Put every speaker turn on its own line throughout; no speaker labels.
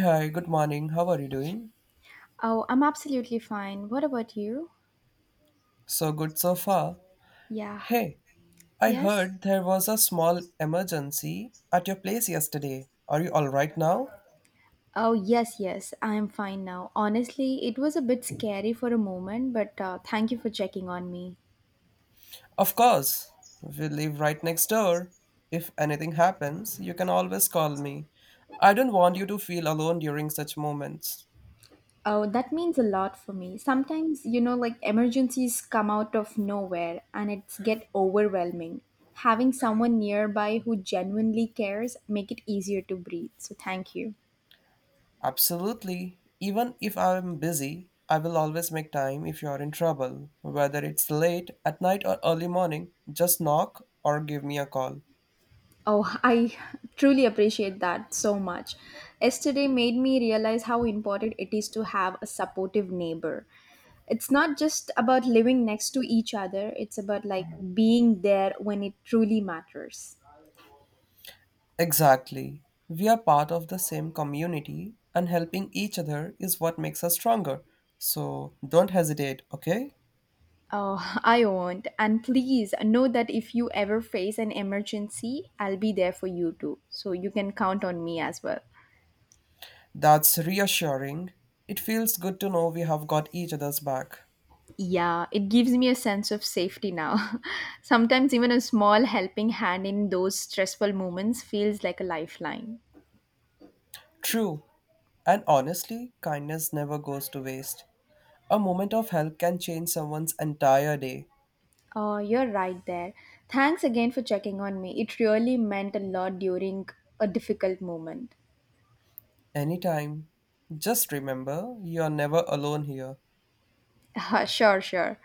Hi, good morning. How are you doing?
Oh, I'm absolutely fine. What about you?
So good so far.
Yeah,
Hey, I
yes.
heard there was a small emergency at your place yesterday. Are you all right now?
Oh, yes. I'm fine now. Honestly, it was a bit scary for a moment, but thank you for checking on me.
Of course. We live right next door. If anything happens, you can always call me. I don't want you to feel alone during such moments.
Oh, that means a lot for me. Sometimes, like emergencies come out of nowhere and it's get overwhelming. Having someone nearby who genuinely cares make it easier to breathe. So, thank you.
Absolutely. Even if I'm busy, I will always make time if you're in trouble. Whether it's late at night or early morning, just knock or give me a call.
Oh, I truly appreciate that so much. Yesterday made me realize how important it is to have a supportive neighbor. It's not just about living next to each other, it's about like being there when it truly matters.
Exactly. We are part of the same community, and helping each other is what makes us stronger. So don't hesitate, okay?
Oh, I won't. And please know that if you ever face an emergency, I'll be there for you too. So you can count on me as well.
That's reassuring. It feels good to know we have got each other's back.
Yeah, it gives me a sense of safety now. Sometimes even a small helping hand in those stressful moments feels like a lifeline.
True. And honestly, kindness never goes to waste. A moment of help can change someone's entire day,
Oh, you're right there. Thanks again for checking on me. It really meant a lot during a difficult moment.
anytime. Just remember, you're never alone here.
Sure, sure.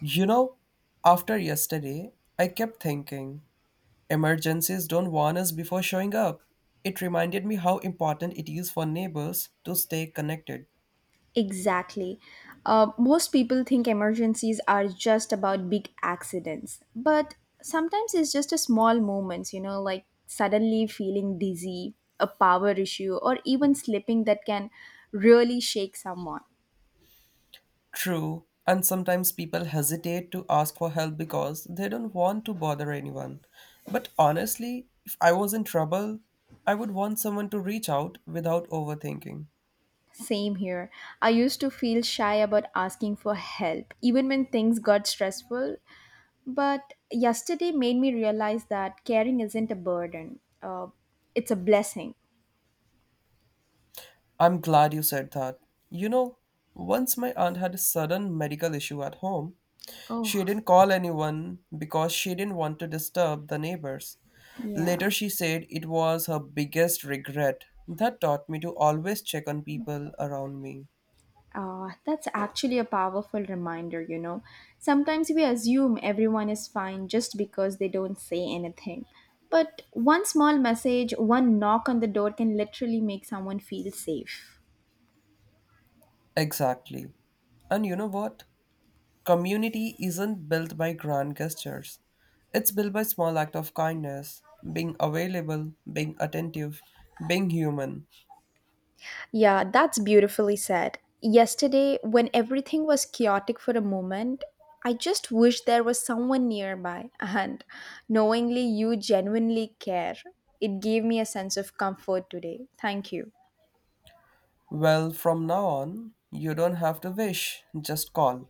You know, after yesterday, I kept thinking emergencies don't warn us before showing up. It reminded me how important it is for neighbors to stay connected.
Exactly. Most people think emergencies are just about big accidents, but sometimes it's just a small moments, like suddenly feeling dizzy, a power issue, or even slipping that can really shake someone.
True, and sometimes people hesitate to ask for help because they don't want to bother anyone. But honestly, if I was in trouble, I would want someone to reach out without overthinking.
Same here. I used to feel shy about asking for help, even when things got stressful. But yesterday made me realize that caring isn't a burden, it's a blessing.
I'm glad you said that. You know, once my aunt had a sudden medical issue at home. She
Oh,
didn't call anyone because she didn't want to disturb the neighbors.
yeah.
Later, she said it was her biggest regret. That taught me to always check on people around me.
That's actually a powerful reminder. Sometimes we assume everyone is fine just because they don't say anything. But one small message, one knock on the door can literally make someone feel safe.
Exactly. And you know what? Community isn't built by grand gestures. It's built by small act of kindness, being available, being attentive, being human.
Yeah, that's beautifully said. Yesterday, when everything was chaotic for a moment, I just wish there was someone nearby and knowingly you genuinely care. It gave me a sense of comfort today. Thank you.
Well, from now on, you don't have to wish, just call.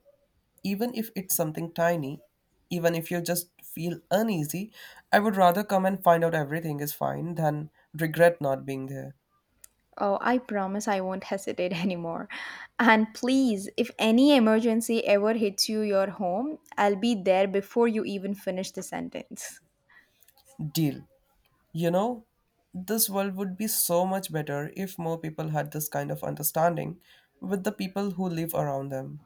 Even if it's something tiny, even if you just feel uneasy, I would rather come and find out everything is fine than regret not being there.
Oh, I promise I won't hesitate anymore. And please, if any emergency ever hits you your home, I'll be there before you even finish the sentence.
Deal. You know, this world would be so much better if more people had this kind of understanding with the people who live around them.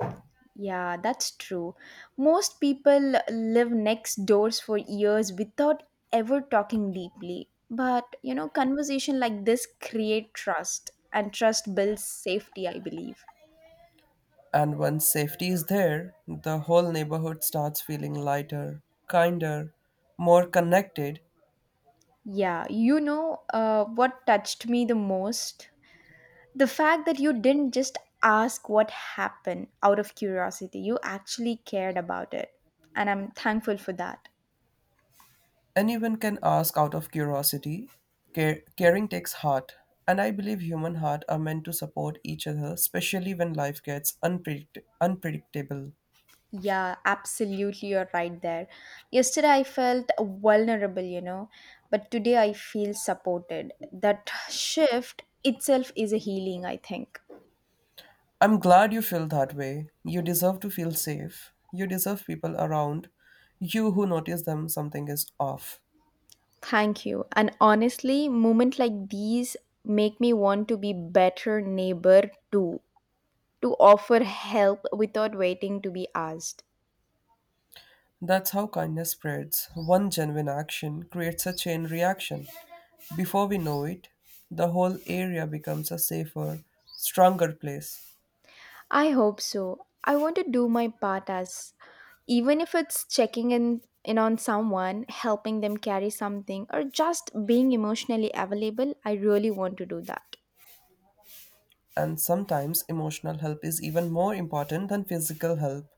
Yeah, that's true. Most people live next doors for years without ever talking deeply. But, conversation like this create trust and trust builds safety, I believe.
And once safety is there, the whole neighborhood starts feeling lighter, kinder, more connected.
Yeah, what touched me the most? The fact that you didn't just ask what happened out of curiosity, you actually cared about it, and I'm thankful for that.
Anyone can ask out of curiosity. Caring takes heart, and I believe human heart are meant to support each other, especially when life gets unpredictable.
Yeah, absolutely, you're right there. Yesterday I felt vulnerable. But today I feel supported. That shift itself is a healing, I think.
I'm glad you feel that way. You deserve to feel safe. You deserve people around you who notice them something is off.
Thank you. And honestly, moments like these make me want to be better neighbor too, to offer help without waiting to be asked.
That's how kindness spreads. One genuine action creates a chain reaction. Before we know it, the whole area becomes a safer, stronger place.
I hope so. I want to do my part, as even if it's checking in on someone, helping them carry something, or just being emotionally available, I really want to do that.
And sometimes emotional help is even more important than physical help.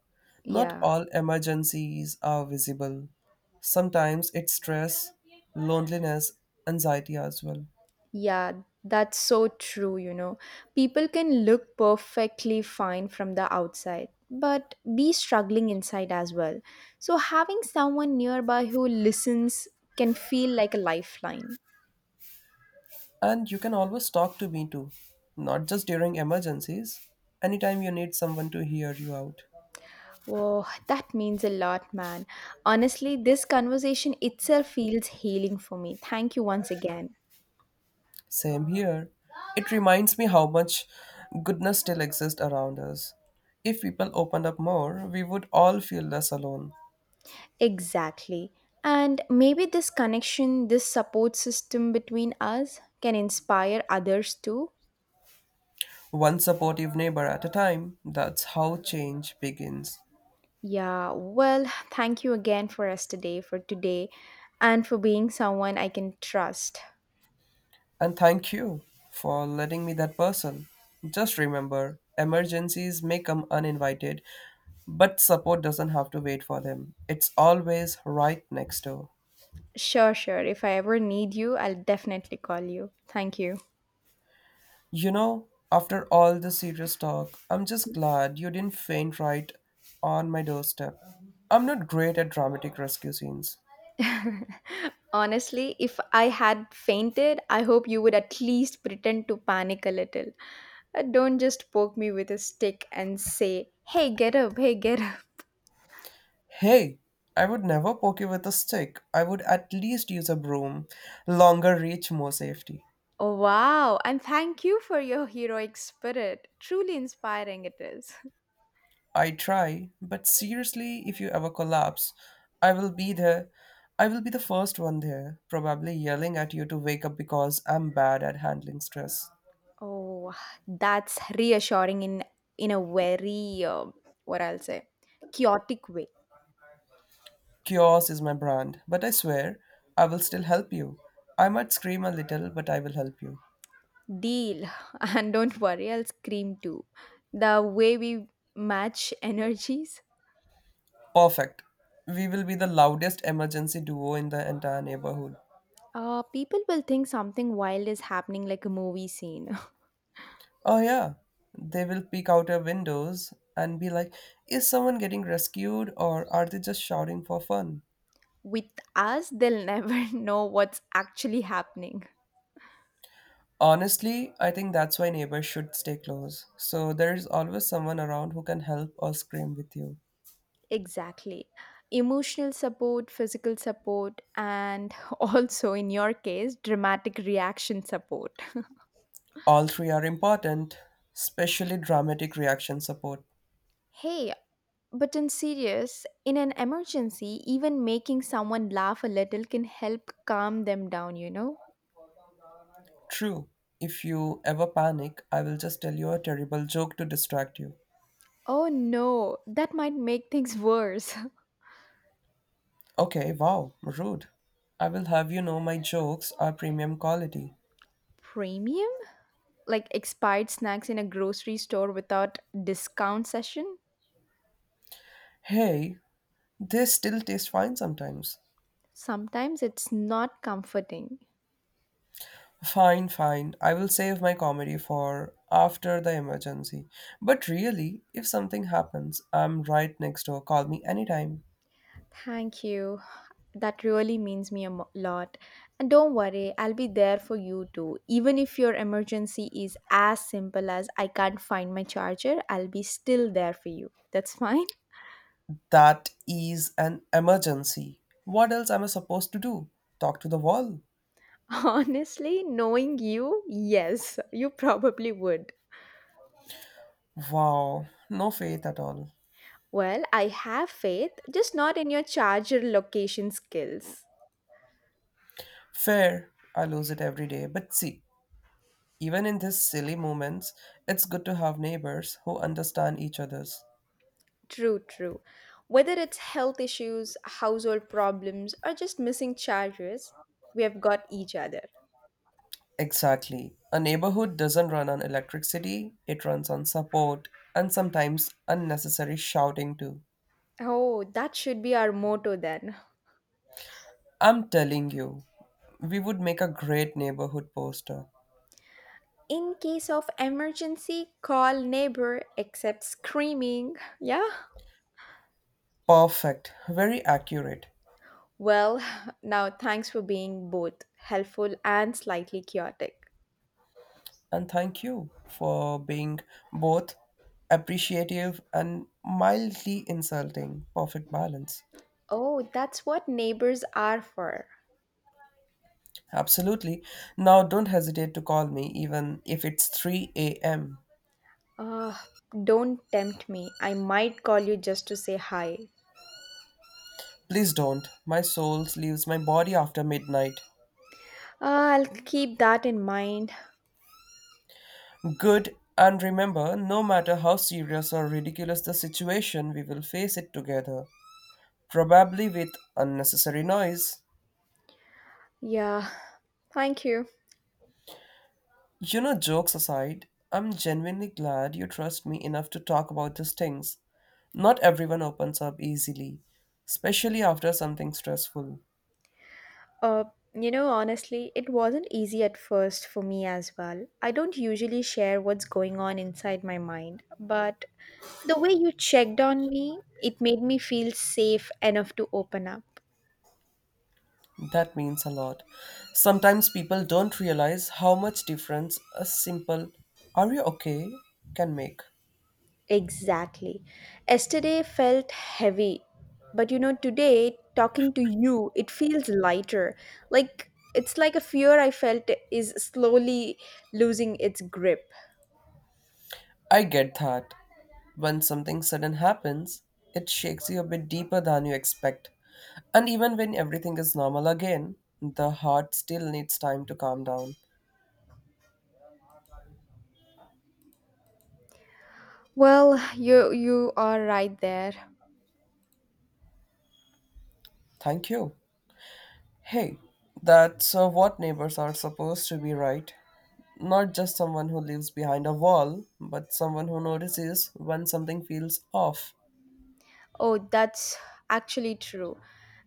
Not
Yeah,
all emergencies are visible. Sometimes it's stress, loneliness, anxiety as well.
yeah, that's so true. People can look perfectly fine from the outside, but be struggling inside as well. So having someone nearby who listens can feel like a lifeline.
And you can always talk to me too, not just during emergencies, anytime you need someone to hear you out.
Whoa, that means a lot, man. Honestly, this conversation itself feels healing for me. Thank you once again.
Same here. It reminds me how much goodness still exists around us. If people opened up more, we would all feel less alone.
Exactly. And maybe this connection, this support system between us can inspire others too.
One supportive neighbor at a time, that's how change begins.
Yeah, well, thank you again for us today, for today, and for being someone I can trust.
And thank you for letting me that person. Just remember, emergencies may come uninvited, but support doesn't have to wait for them. It's always right next door.
Sure, sure. If I ever need you, I'll definitely call you. Thank you.
You know, after all this serious talk, I'm just glad you didn't faint right on my doorstep. I'm not great at dramatic rescue scenes.
Honestly, if I had fainted, I hope you would at least pretend to panic a little. Don't just poke me with a stick and say, hey, get up, hey, get up.
Hey, I would never poke you with a stick. I would at least use a broom. Longer reach, more safety.
Oh, wow, and thank you for your heroic spirit. Truly inspiring it is.
I try, but seriously, if you ever collapse, I will be there. I will be the first one there, probably yelling at you to wake up because I'm bad at handling stress.
Oh, that's reassuring in a very what I'll say, chaotic way.
Chaos is my brand, but I swear, I will still help you. I might scream a little, but I will help you.
Deal, and don't worry, I'll scream too. The way we match energies.
Perfect. We will be the loudest emergency duo in the entire neighborhood.
People will think something wild is happening like a movie scene.
Oh, yeah. They will peek out our windows and be like, is someone getting rescued or are they just shouting for fun?
With us, they'll never know what's actually happening.
Honestly, I think that's why neighbors should stay close. So there is always someone around who can help or scream with you.
Exactly. Emotional support, physical support, and also, in your case, dramatic reaction support.
All three are important, especially dramatic reaction support.
Hey, but in serious, in an emergency, even making someone laugh a little can help calm them down, you know?
True, if you ever panic, I will just tell you a terrible joke to distract you.
Oh no, that might make things worse.
Okay, wow, rude. I will have you know my jokes are premium quality.
Premium? Like expired snacks in a grocery store without discount session,
Hey, they still taste fine sometimes.
sometimes it's not comforting.
Fine, fine. I will save my comedy for after the emergency. But really, if something happens, I'm right next door. Call me anytime.
Thank you. That really means me a mo- lot. And don't worry, I'll be there for you too. Even if your emergency is as simple as I can't find my charger, I'll be still there for you. That's fine.
That is an emergency. What else am I supposed to do? Talk to the wall?
Honestly, knowing you, yes, you probably would.
Wow, no faith at all.
Well, I have faith, just not in your charger location skills.
Fair, I lose it every day. But see, even in these silly moments, it's good to have neighbors who understand each other's.
True, true. Whether it's health issues, household problems, or just missing charges, we have got each other.
Exactly. A neighborhood doesn't run on electricity, it runs on support and sometimes unnecessary shouting too.
Oh, that should be our motto then.
I'm telling you, we would make a great neighborhood poster.
In case of emergency, call neighbor, except screaming. Yeah?
Perfect, very accurate.
Well, now thanks for being both helpful and slightly chaotic.
And thank you for being both appreciative and mildly insulting. Perfect balance.
Oh, that's what neighbors are for.
Absolutely. Now don't hesitate to call me even if it's 3 a.m.
Ah, don't tempt me. I might call you just to say hi.
Please don't. My soul leaves my body after midnight.
Ah, I'll keep that in mind.
Good, and remember, no matter how serious or ridiculous the situation, we will face it together, probably with unnecessary noise.
Yeah, thank you.
You know, jokes aside, I'm genuinely glad you trust me enough to talk about these things. Not everyone opens up easily, especially after something stressful.
Uh, you know, honestly, it wasn't easy at first for me as well. I don't usually share what's going on inside my mind, but the way you checked on me, it made me feel safe enough to open up.
That means a lot. Sometimes people don't realize how much difference a simple, are you okay? can make.
Exactly. Yesterday felt heavy, but you know, today talking to you, it feels lighter. Like it's like a fear I felt is slowly losing its grip.
I get that. When something sudden happens, it shakes you a bit deeper than you expect. And even when everything is normal again, the heart still needs time to calm down.
Well, you are right there.
Thank you. Hey, that's what neighbors are supposed to be, right? Not just someone who lives behind a wall, but someone who notices when something feels off.
Oh, that's actually true.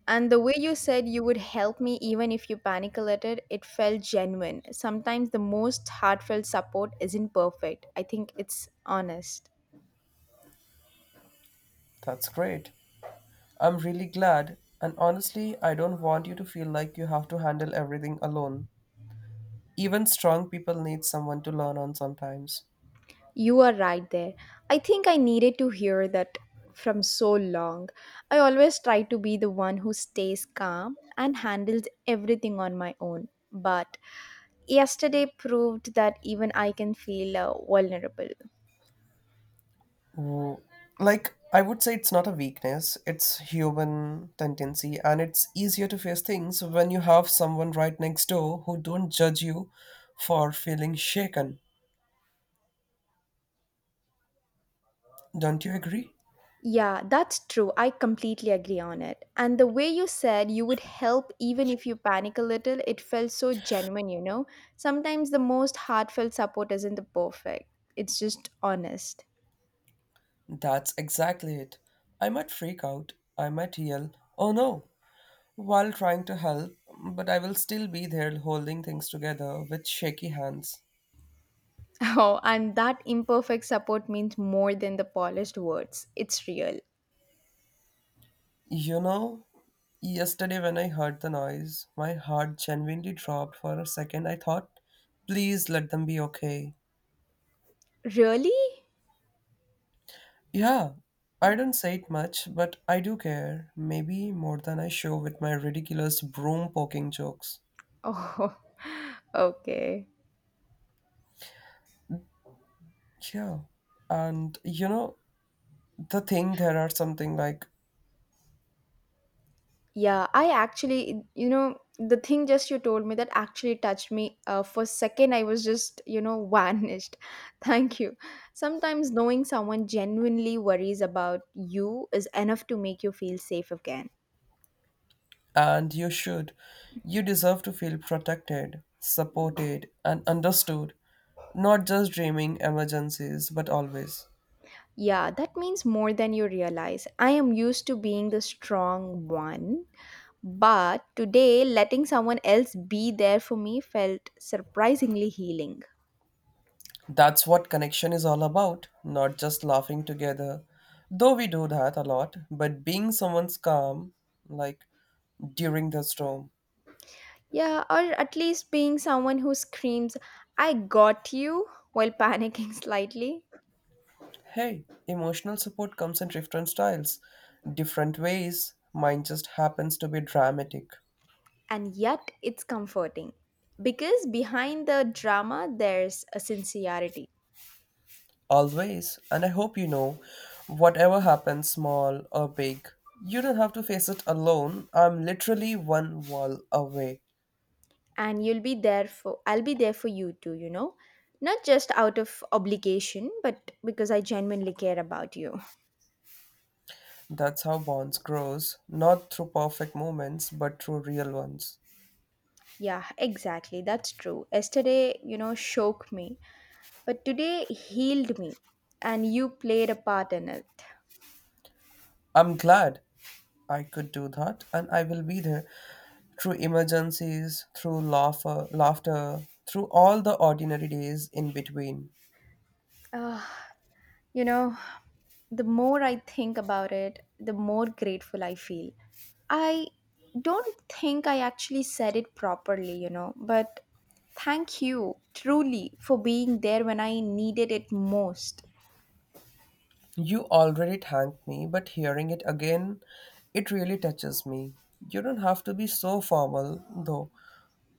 And the way you said you would help me even if you panic alerted, it felt genuine. Sometimes the most heartfelt support isn't perfect. I think it's honest.
That's great. I'm really glad, and honestly, I don't want you to feel like you have to handle everything alone. Even strong people need someone to learn on sometimes.
You are right there. I think I needed to hear that from so long. I always try to be the one who stays calm and handles everything on my own. But yesterday proved that even I can feel vulnerable.
Who- like, I would say it's not a weakness, it's human tendency, and it's easier to face things when you have someone right next door who don't judge you for feeling shaken. Don't you agree?
Yeah, that's true. I completely agree on it. And the way you said you would help even if you panic a little, it felt so genuine, you know? Sometimes the most heartfelt support isn't the perfect, it's just honest.
That's exactly it. I might freak out, I might yell, oh no, while trying to help, but I will still be there holding things together with shaky hands.
Oh, and that imperfect support means more than the polished words. It's real.
You know, yesterday when I heard the noise, my heart genuinely dropped for a second. I thought, please let them be okay.
Really?
Yeah, I don't say it much, but I do care. Maybe more than I show with my ridiculous broom poking jokes.
Oh, okay.
Yeah. And you know, the thing there are something like,
Yeah, I actually, you know, the thing just you told me that actually touched me. For a second, I was just, you know, vanished. Thank you. Sometimes knowing someone genuinely worries about you is enough to make you feel safe again.
and you should. You deserve to feel protected, supported, and understood. Not just dreaming emergencies, but always.
Yeah, that means more than you realize. I am used to being the strong one, but today letting someone else be there for me felt surprisingly healing.
That's what connection is all about, not just laughing together, though we do that a lot, but being someone's calm, like during the storm.
Yeah, or at least being someone who screams, I got you, while panicking slightly.
Hey, emotional support comes in different styles, different ways. Mine just happens to be dramatic.
And yet, it's comforting. Because behind the drama, there's a sincerity.
Always. And I hope you know, whatever happens, small or big, you don't have to face it alone. I'm literally one wall away.
And you'll be there for, I'll be there for you too, you know? Not just out of obligation, but because I genuinely care about you.
That's how bonds grows, not through perfect moments, but through real ones.
Yeah, exactly. That's true. Yesterday, you know, shook me. But today healed me. And you played a part in it.
I'm glad I could do that, and I will be there through emergencies, through laughter, through all the ordinary days in between.
Ah, you know, the more I think about it, the more grateful I feel. I don't think I actually said it properly, you know, but thank you truly for being there when I needed it most.
You already thanked me, but hearing it again, it really touches me. You don't have to be so formal, though.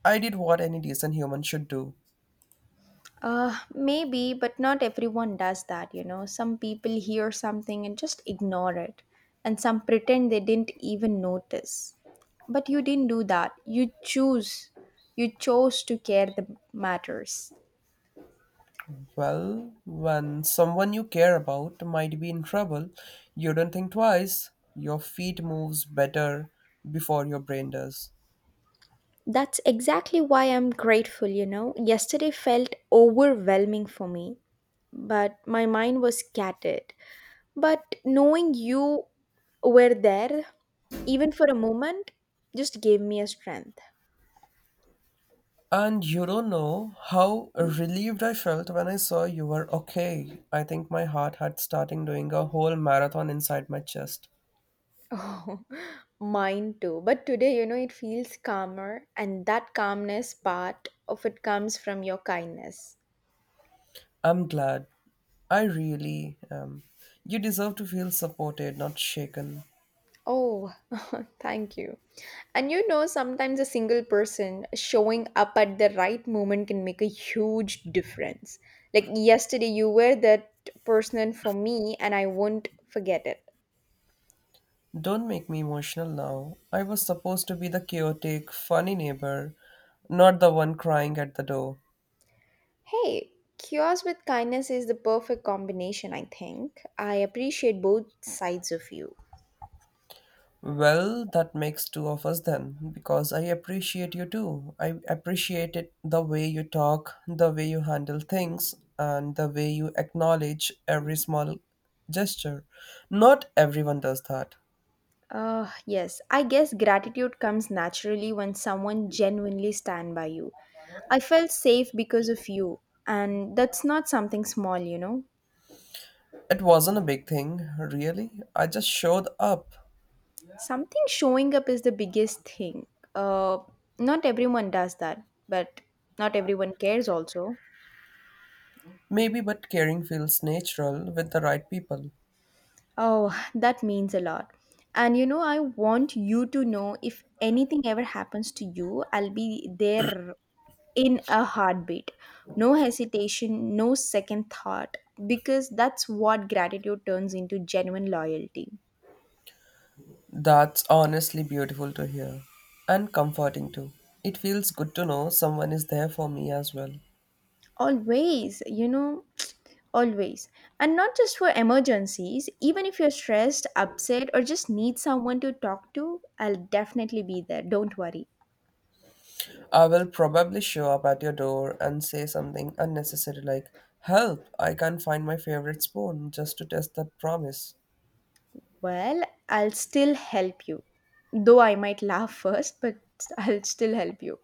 I did what any decent human should do.
Maybe, but not everyone does that, you know. Some people hear something and just ignore it, and some pretend they didn't even notice. But you didn't do that. You chose to care the matters.
Well, when someone you care about might be in trouble, you don't think twice. Your feet moves better before your brain does.
That's exactly why I'm grateful, you know. Yesterday felt overwhelming for me, but my mind was scattered. But knowing you were there, even for a moment, just gave me a strength.
And you don't know how relieved I felt when I saw you were okay. I think my heart had starting doing a whole marathon inside my chest.
Oh, mine too. But today, you know, it feels calmer, and that calmness part of it comes from your kindness.
I'm glad. I really am. You deserve to feel supported, not shaken.
Oh, thank you. And you know, sometimes a single person showing up at the right moment can make a huge difference. Like yesterday, you were that person for me, and I won't forget it.
Don't make me emotional now. I was supposed to be the chaotic, funny neighbor, not the one crying at the door.
Hey, cures with kindness is the perfect combination, I think. I appreciate both sides of you.
Well, that makes two of us then, because I appreciate you too. I appreciate it the way you talk, the way you handle things, and the way you acknowledge every small gesture. Not everyone does that.
Yes, I guess gratitude comes naturally when someone genuinely stand by you. I felt safe because of you, and that's not something small, you know.
It wasn't a big thing, really. I just showed up.
Something showing up is the biggest thing. Uh, Not everyone does that, but not everyone cares also.
Maybe, but caring feels natural with the right people.
Oh, that means a lot. And you know, I want you to know if anything ever happens to you, I'll be there in a heartbeat. No hesitation, no second thought, because that's what gratitude turns into genuine loyalty.
That's honestly beautiful to hear and comforting too. It feels good to know someone is there for me as well.
Always, you know, always. And not just for emergencies, even if you're stressed, upset, or just need someone to talk to, I'll definitely be there. Don't worry.
I will probably show up at your door and say something unnecessary like, help, I can't find my favorite spoon, just to test that promise.
Well, I'll still help you. Though I might laugh first, but I'll still help you.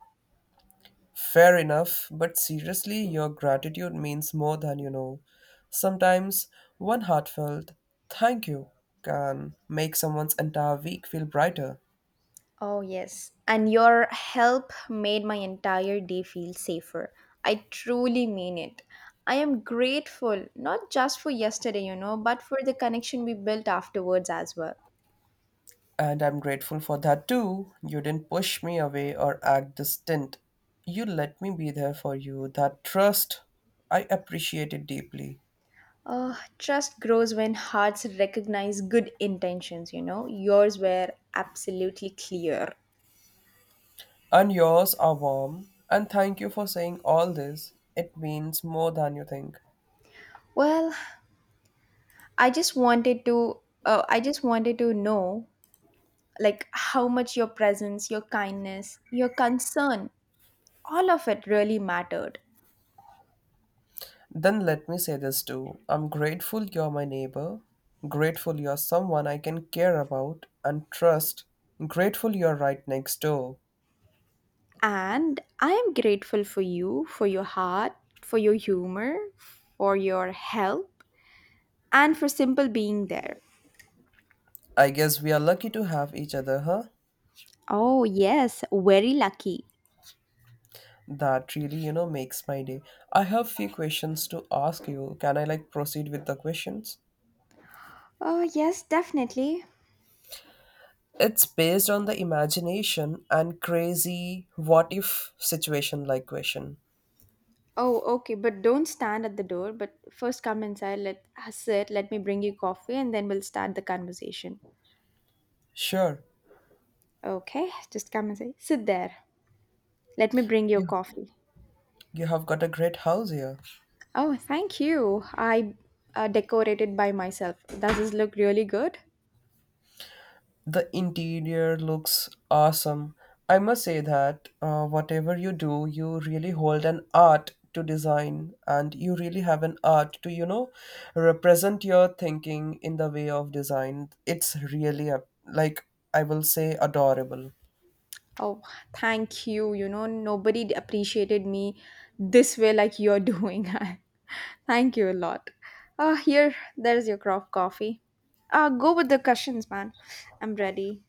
Fair enough, but seriously, your gratitude means more than you know. Sometimes one heartfelt thank you can make someone's entire week feel brighter.
Oh, yes. And your help made my entire day feel safer. I truly mean it. I am grateful, not just for yesterday, but for the connection we built afterwards as well.
And I'm grateful for that too. You didn't push me away or act distant. You let me be there for you. That trust, I appreciate it deeply.
Trust grows when hearts recognize good intentions, you know. Yours were absolutely clear.
And yours are warm. And thank you for saying all this. It means more than you think.
Well, I just wanted to know like how much your presence, your kindness, your concern, all of it really mattered.
Then let me say this too. I'm grateful you're my neighbor. Grateful you're someone I can care about and trust. Grateful you're right next door.
And I am grateful for you, for your heart, for your humor, for your help, and for simple being there.
I guess we are lucky to have each other, huh?
Oh, yes, very lucky.
That really, you know, makes my day. I have few questions to ask you. Can I like proceed with the questions?
Oh, yes, definitely.
It's based on the imagination and crazy what if situation like question.
Oh, okay, but don't stand at the door, but first come inside, let sit, let me bring you coffee, and then we'll start the conversation.
Sure.
Okay, just come and say, sit there. Let me bring your
You
coffee.
you have got a great house here.
Oh, thank you. I decorated by myself. Does this look really good?
The interior looks awesome. I must say that whatever you do, you really hold an art to design and you really have an art to, you know, represent your thinking in the way of design. It's really a, like I will say adorable.
Oh, thank you. You know, appreciated me this way like you're doing. I thank you a lot. Ah, here, there's your craft coffee. Ah, go with the cushions, man. I'm ready.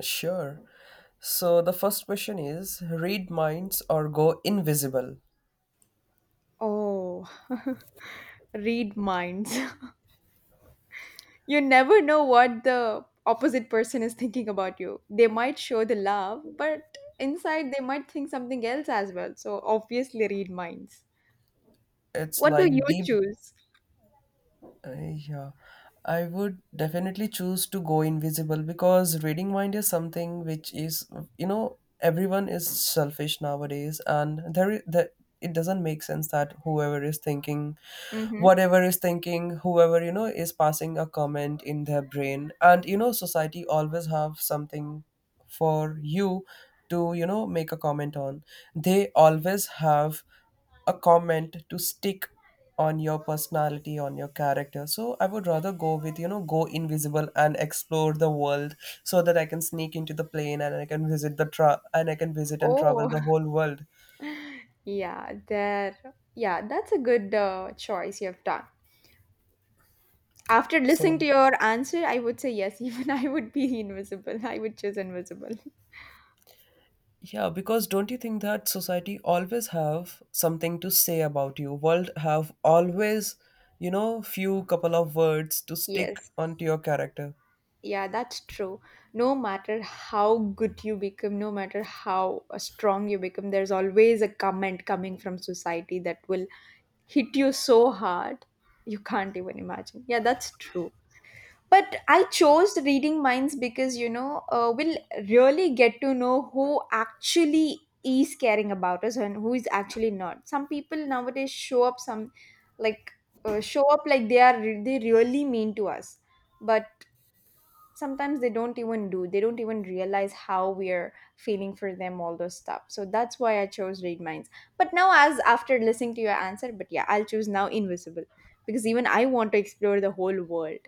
Sure. So the first question is read minds or go invisible.
Oh, read minds. You never know what the opposite person is thinking about you. They might show the love, but inside they might think something else as well. So obviously, read minds.
It's
What do you
like deep.
choose?
Uh, yeah, I would definitely choose to go invisible because reading mind is something which is, you know, everyone is selfish nowadays, and there is that it doesn't make sense that whoever is thinking
Mm-hmm.
whatever is thinking whoever you know is passing a comment in their brain, and you know society always have something for you to, you know, make a comment on. They always have a comment to stick on your personality, on your character, so I would rather go with, you know, go invisible and explore the world so that I can sneak into the plane and I can visit and travel
Oh.
the whole world.
Yeah, there. Yeah, that's a good choice you have done. After
So
listening to your answer, I would say yes. Even I would be invisible. I would choose invisible.
yeah, because don't you think that society always have something to say about you, world have always, you know, few couple of words to stick
Yes.
onto your character?
Yeah, that's true. No matter how good you become, no matter how strong you become, there's always a comment coming from society that will hit you so hard you can't even imagine. Yeah, that's true. But I chose reading minds because we'll really get to know who actually is caring about us and who is actually not. Some people nowadays show up some like show up like they really mean to us, but sometimes they don't even realize how we're feeling for them, all those stuff. So that's why I chose read minds. But now, as after listening to your answer, but yeah, I'll choose now invisible, because even I want to explore the whole world.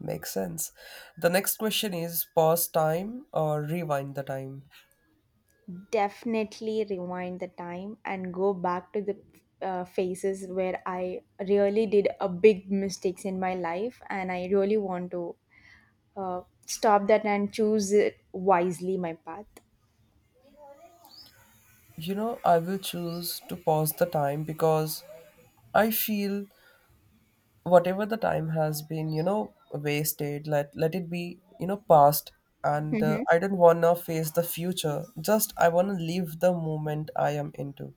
Makes sense. The next question is pause time or rewind the time.
Definitely rewind the time and go back to the phases where I really did a big mistakes in my life, and I really want to uh, stop that and choose it wisely my path.
You know, I will choose to pause the time because I feel whatever the time has been, you know, wasted, let it be, you know, past. And I don't wanna face the future. Just I wanna live the moment I am into.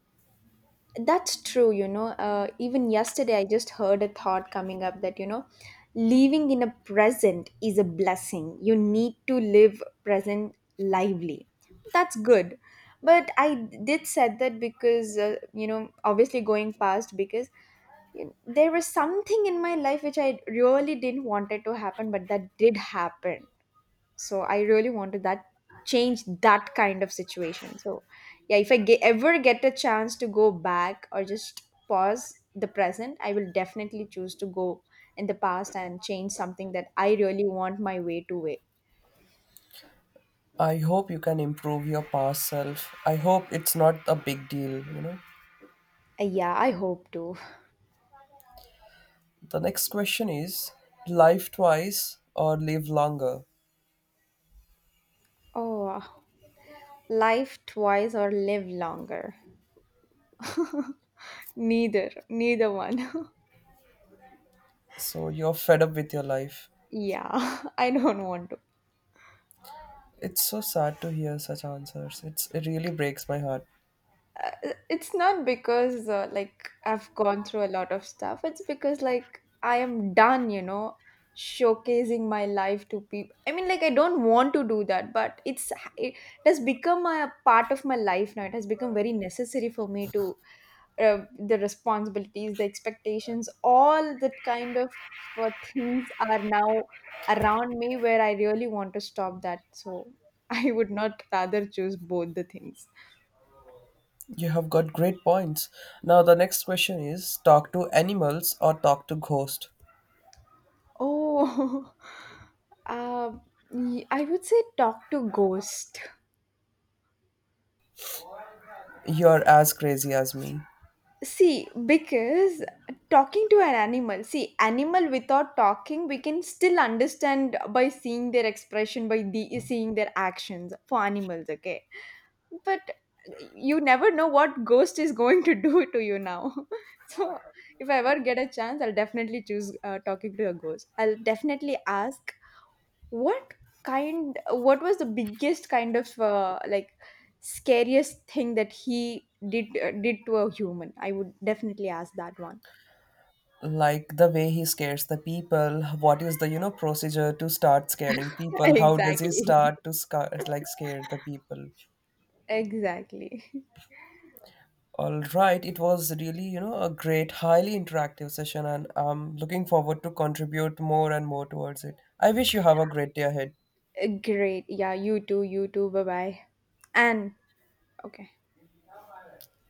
That's true, you know. Even yesterday, I just heard a thought coming up that, you know, living in a present is a blessing. You need to live present lively. That's good. But I did said that because, you know, obviously going past because you know, there was something in my life which I really didn't want it to happen, but that did happen. So I really wanted that, change that kind of situation. So yeah, if I ever get a chance to go back or just pause the present, I will definitely choose to go in the past and change something that I really want my way to way.
I hope you can improve your past self. I hope it's not a big deal, you know.
Yeah, I hope to.
The next question is live twice or live longer.
Oh, life twice or live longer. Neither one.
So you're fed up with your life.
Yeah, I don't want to.
It's so sad to hear such answers. It really breaks my heart.
It's not because, like I've gone through a lot of stuff. It's because like I am done, you know, showcasing my life to people. I mean, like I don't want to do that, but it has become a part of my life now. It has become very necessary for me to, the responsibilities, the expectations, all that kind of things are now around me where I really want to stop that. So I would not rather choose both the things.
You have got great points. Now the next question is talk to animals or talk to ghost.
Oh, uh, I would say talk to ghost.
You're as crazy as me.
See, because talking to an animal, see, animal without talking, we can still understand by seeing their expression, by the, seeing their actions for animals, okay? But you never know what ghost is going to do to you now. So, if I ever get a chance, I'll definitely choose talking to a ghost. I'll definitely ask, what kind, what was the biggest kind of scariest thing that he did to a human? I would definitely ask that one.
Like the way he scares the people, what is the, you know, procedure to start scaring people? How does he
Exactly.
start to scare the people?
Exactly.
All right, it was really, you know, a great, highly interactive session and I'm looking forward to contribute more and more towards it. I wish you have a great day ahead.
Great. Yeah, you too, you too. Bye-bye. And okay.